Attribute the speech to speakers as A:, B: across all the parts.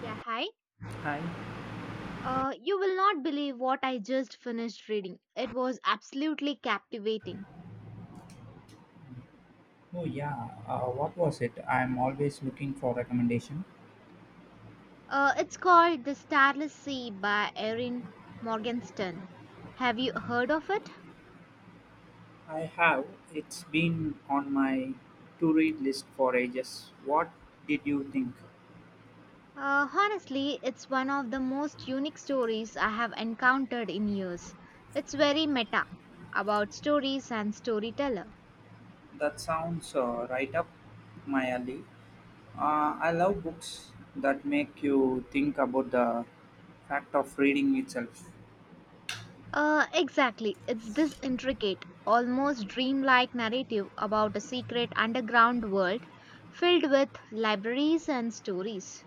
A: Yeah, hi.
B: Hi.
A: You will not believe what I just finished reading. It was absolutely captivating.
B: Oh yeah, what was it? I'm always looking for recommendation.
A: It's called The Starless Sea by Erin Morgenstern. Have you heard of it?
B: I have. It's been on my to read list for ages. What did you think?
A: Honestly, it's one of the most unique stories I have encountered in years. It's very meta about stories and storyteller.
B: That sounds right up my alley. I love books that make you think about the fact of reading itself.
A: Exactly. It's this intricate, almost dreamlike narrative about a secret underground world filled with libraries and stories.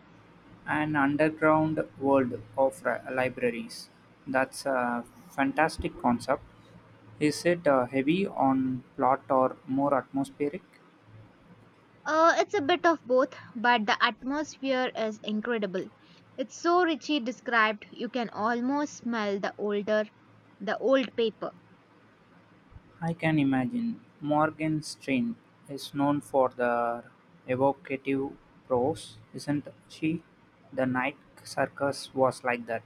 B: An underground world of libraries. That's a fantastic concept. Is it heavy on plot or more atmospheric?
A: It's a bit of both, but the atmosphere is incredible. It's so richly described, you can almost smell the older, the old paper.
B: I can imagine. Morgenstern is known for the evocative prose, isn't she? The Night Circus was like that.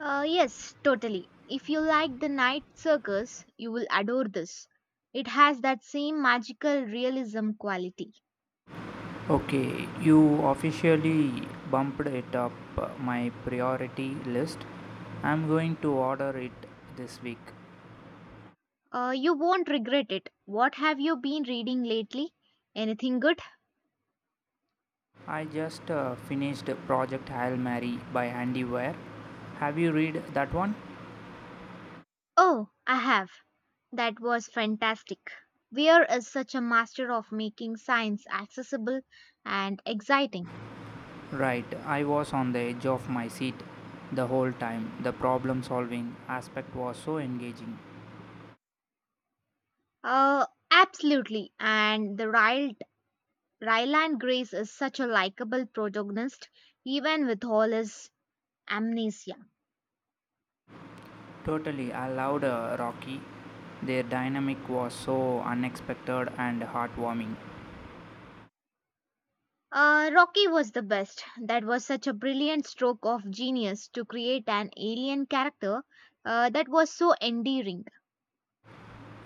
A: Yes, totally. If you like the night circus, you will adore this. It has that same magical realism quality.
B: Okay, you officially bumped it up my priority list. I'm going to order it this week.
A: You won't regret it. What have you been reading lately? Anything good?
B: I just finished Project Hail Mary by Andy Weir. Have you read that one?
A: Oh, I have. That was fantastic. Weir is such a master of making science accessible and exciting.
B: Right, I was on the edge of my seat the whole time. The problem solving aspect was so engaging.
A: Absolutely. And the Ryland Grace is such a likable protagonist, even with all his amnesia.
B: Totally, I loved Rocky. Their dynamic was so unexpected and heartwarming.
A: Rocky was the best. That was such a brilliant stroke of genius to create an alien character that was so endearing.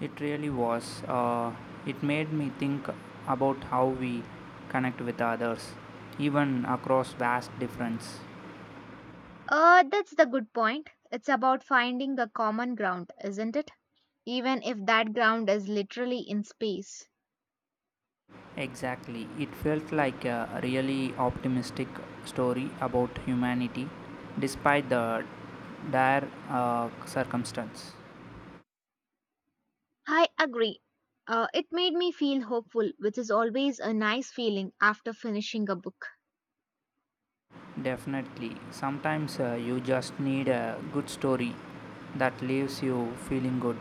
B: It really was. It made me think about how we connect with others, even across vast difference.
A: That's the good point. It's about finding a common ground, isn't it? Even if that ground is literally in space.
B: Exactly. It felt like a really optimistic story about humanity despite the dire circumstance.
A: I agree. It made me feel hopeful, which is always a nice feeling after finishing a book.
B: Definitely. Sometimes you just need a good story that leaves you feeling good.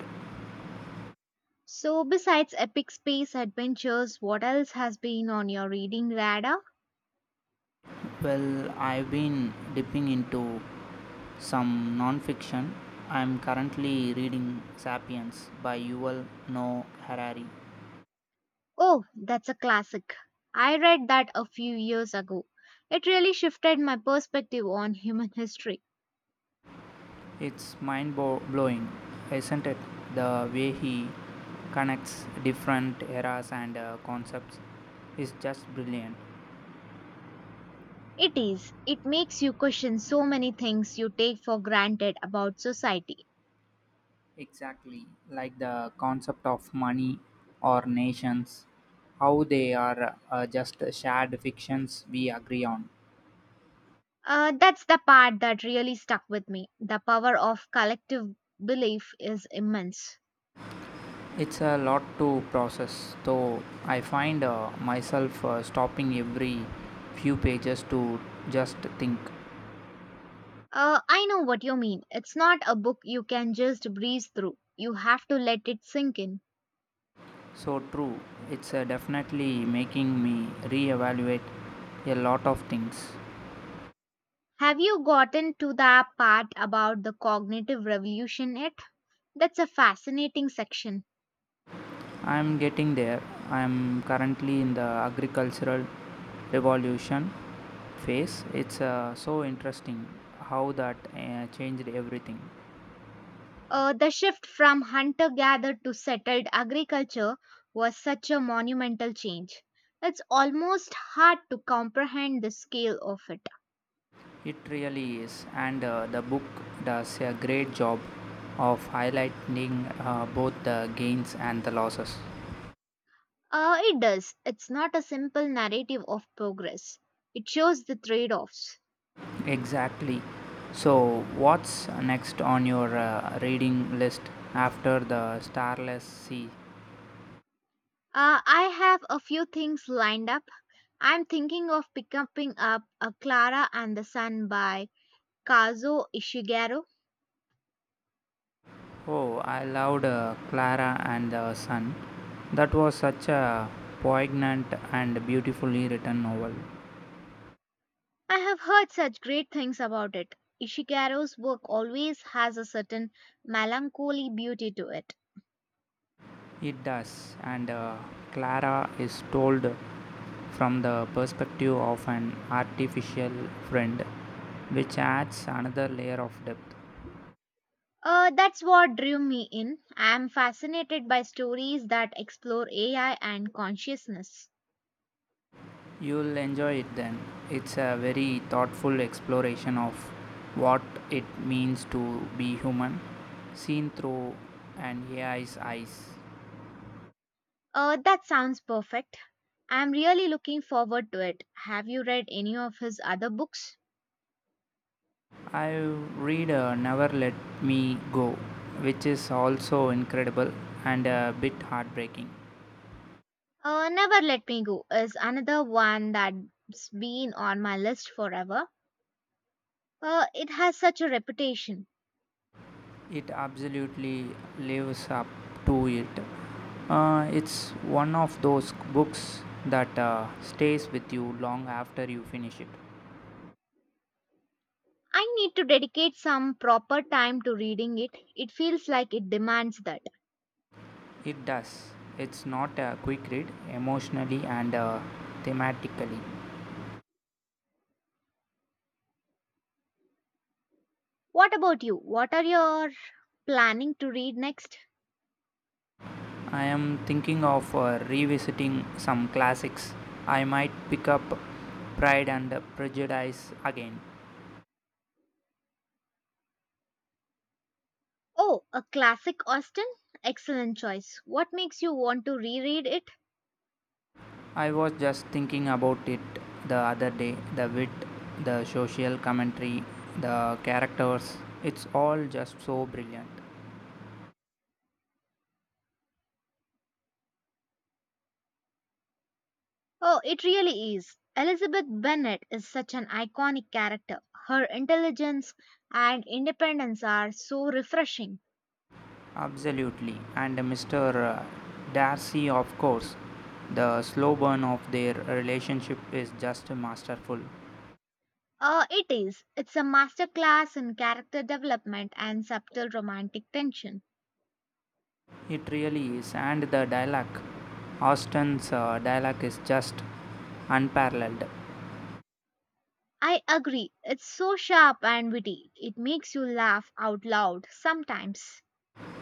A: So, besides epic space adventures, what else has been on your reading radar?
B: Well, I've been dipping into some non-fiction. I'm currently reading Sapiens by Yuval Noah Harari.
A: Oh, that's a classic. I read that a few years ago. It really shifted my perspective on human history.
B: It's mind blowing, isn't it? The way he connects different eras and concepts is just brilliant.
A: It is. It makes you question so many things you take for granted about society.
B: Exactly, like the concept of money or nations, how they are just shared fictions we agree on.
A: That's the part that really stuck with me. The power of collective belief is immense.
B: It's a lot to process, though I find myself stopping every few pages to just think.
A: I know what you mean. It's not a book you can just breeze through, you have to let it sink in.
B: So true, it's definitely making me reevaluate a lot of things.
A: Have you gotten to the part about the cognitive revolution yet? That's a fascinating section.
B: I'm getting there. I'm currently in the agricultural revolution phase. It's so interesting how that changed everything.
A: The shift from hunter gatherer to settled agriculture was such a monumental change. It's almost hard to comprehend the scale of it.
B: It really is, and the book does a great job of highlighting both the gains and the losses.
A: It does. It's not a simple narrative of progress, it shows the trade offs.
B: Exactly. So, what's next on your reading list after the Starless Sea?
A: I have a few things lined up. I'm thinking of picking up a Clara and the Sun by Kazuo Ishiguro.
B: Oh, I loved Clara and the Sun. That was such a poignant and beautifully written novel.
A: I have heard such great things about it. Ishikaru's work always has a certain melancholy beauty to it.
B: It does, and Clara is told from the perspective of an artificial friend, which adds another layer of depth.
A: That's what drew me in. I am fascinated by stories that explore AI and consciousness.
B: You'll enjoy it then. It's a very thoughtful exploration of what it means to be human, seen through an AI's eyes.
A: That sounds perfect. I am really looking forward to it. Have you read any of his other books?
B: I read Never Let Me Go, which is also incredible and a bit heartbreaking.
A: Never Let Me Go is another one that's been on my list forever. It has such a reputation.
B: It absolutely lives up to it. It's one of those books that stays with you long after you finish it.
A: I need to dedicate some proper time to reading it. It feels like it demands that.
B: It does. It's not a quick read emotionally and thematically.
A: What about you? What are your planning to read next?
B: I am thinking of revisiting some classics. I might pick up Pride and Prejudice again.
A: Oh, a classic Austen? Excellent choice. What makes you want to reread it?
B: I was just thinking about it the other day, the wit, the social commentary, the characters. It's all just so brilliant.
A: Oh, it really is. Elizabeth Bennet is such an iconic character. Her intelligence and independence are so refreshing.
B: Absolutely. And Mr. Darcy, of course, the slow burn of their relationship is just masterful.
A: It is. It's a masterclass in character development and subtle romantic tension.
B: It really is. And the dialogue, Austin's dialogue is just unparalleled.
A: I agree. It's so sharp and witty. It makes you laugh out loud sometimes.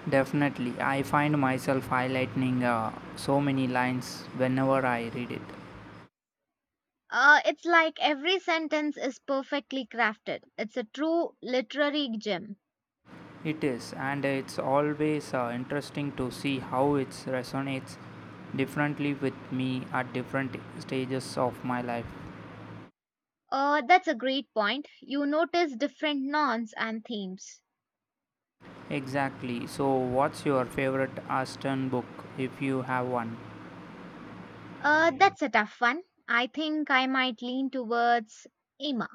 B: Definitely. I find myself highlighting so many lines whenever I read it.
A: It's like every sentence is perfectly crafted. It's a true literary gem.
B: It is, and it's always interesting to see how it resonates differently with me at different stages of my life.
A: That's a great point. You notice different nouns and themes.
B: Exactly. So, what's your favorite Aston book if you have one?
A: That's a tough one. I think I might lean towards Emma.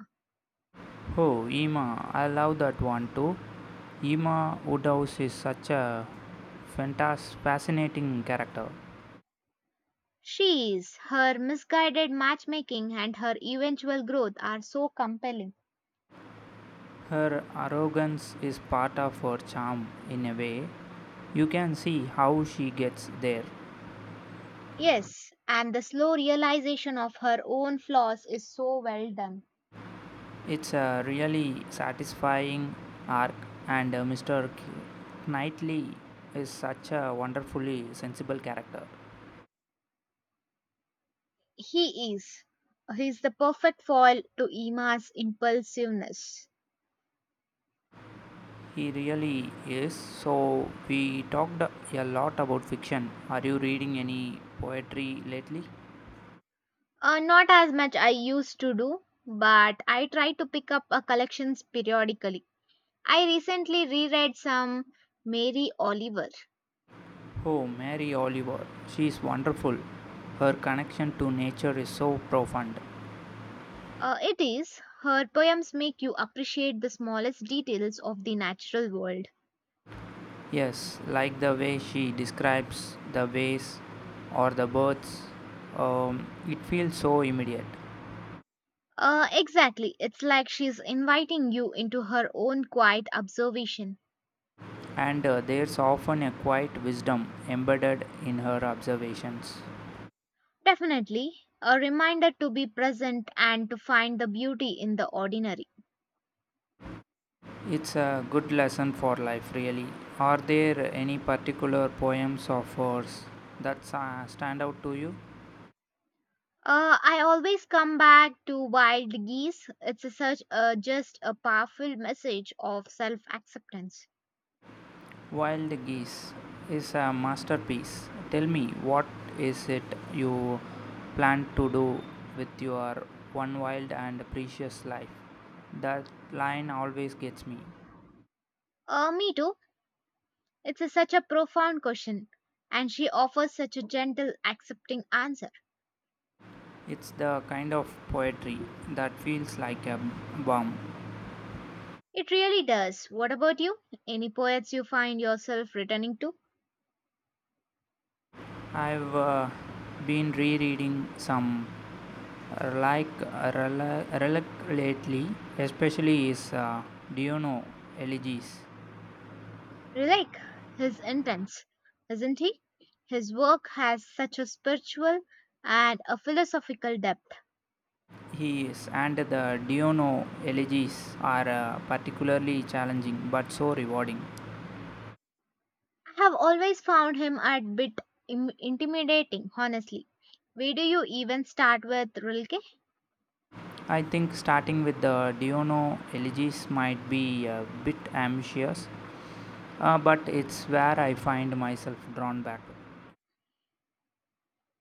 B: Oh, Emma! I love that one too. Emma Woodhouse is such a fascinating character.
A: She's her misguided matchmaking and her eventual growth are so compelling.
B: Her arrogance is part of her charm in a way. You can see how she gets there.
A: Yes, and the slow realization of her own flaws is so well done.
B: It's a really satisfying arc, and Mr. Knightley is such a wonderfully sensible character.
A: He is. He's the perfect foil to Emma's impulsiveness.
B: He really is. So, we talked a lot about fiction. Are you reading any poetry lately?
A: Not as much I used to do, but I try to pick up a collections periodically. I recently reread some Mary Oliver.
B: Oh, Mary Oliver. She's wonderful. Her connection to nature is so profound.
A: It is her poems make you appreciate the smallest details of the natural world.
B: Yes, like the way she describes the waves or the birds, it feels so immediate.
A: Exactly. It's like she's inviting you into her own quiet observation.
B: And there's often a quiet wisdom embedded in her observations.
A: Definitely a reminder to be present and to find the beauty in the ordinary.
B: It's a good lesson for life, really. Are there any particular poems or verse that stand out to you?
A: I always come back to Wild Geese. It's a such a just a powerful message of self-acceptance.
B: Wild Geese is a masterpiece. Tell me, what is it you plan to do with your one wild and precious life? That line always gets me.
A: Me too. It's a, such a profound question, and she offers such a gentle, accepting answer.
B: It's the kind of poetry that feels like a bomb.
A: It really does. What about you? Any poets you find yourself returning to?
B: I've been rereading some like reluctantly, especially his Diono elegies.
A: Like, he's intense, isn't he? His work has such a spiritual and a philosophical depth.
B: His and the Diono elegies are particularly challenging but so rewarding.
A: I have always found him a bit intimidating, honestly. Where do you even start with Rilke?
B: I think starting with the Diono elegies might be a bit ambitious, but it's where I find myself drawn back.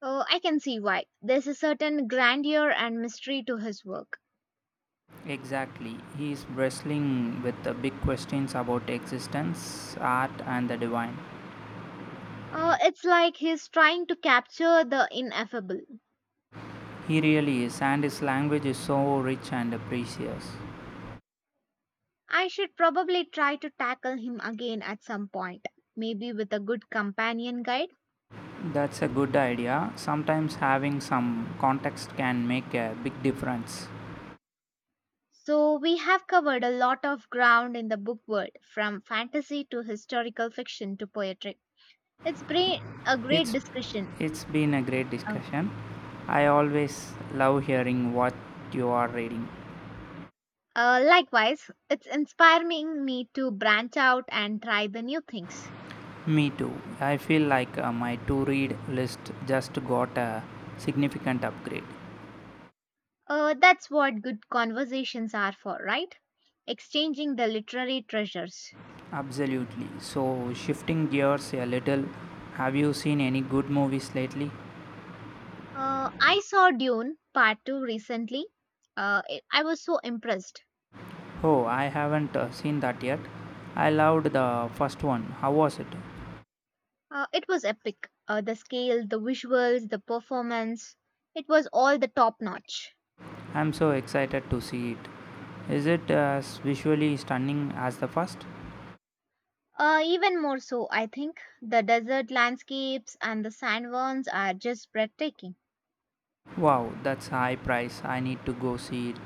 A: Oh, I can see why. There's a certain grandeur and mystery to his work.
B: Exactly, he is wrestling with the big questions about existence, art, and the divine.
A: Oh, it's like he's trying to capture the ineffable.
B: He really is, and his language is so rich and precious.
A: I should probably try to tackle him again at some point, maybe with a good companion guide.
B: That's a good idea. Sometimes having some context can make a big difference.
A: So, we have covered a lot of ground in the book world, from fantasy to historical fiction to poetry. It's been a great
B: It's
A: discussion.
B: it's been a great
A: Uh,
B: discussion. I always love hearing what you are reading.
A: likewise, it's inspiring me to branch out and try the new things.
B: Me too. I feel like my to read list just got a significant upgrade.
A: That's what good conversations are for, right? Exchanging the literary treasures.
B: Absolutely. So, shifting gears a little, have you seen any good movies lately?
A: I saw Dune Part 2 recently. I was so impressed.
B: Oh, I haven't seen that yet. I loved the first one. How was it?
A: It was epic. The scale, the visuals, the performance, it was all the top notch.
B: I'm so excited to see it. Is it as visually stunning as the first?
A: Even more so, I think, the desert landscapes and the sandworms are just breathtaking.
B: Wow, that's high price. I need to go see it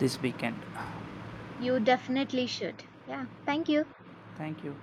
B: this weekend.
A: You definitely should. Yeah, thank you.
B: Thank you.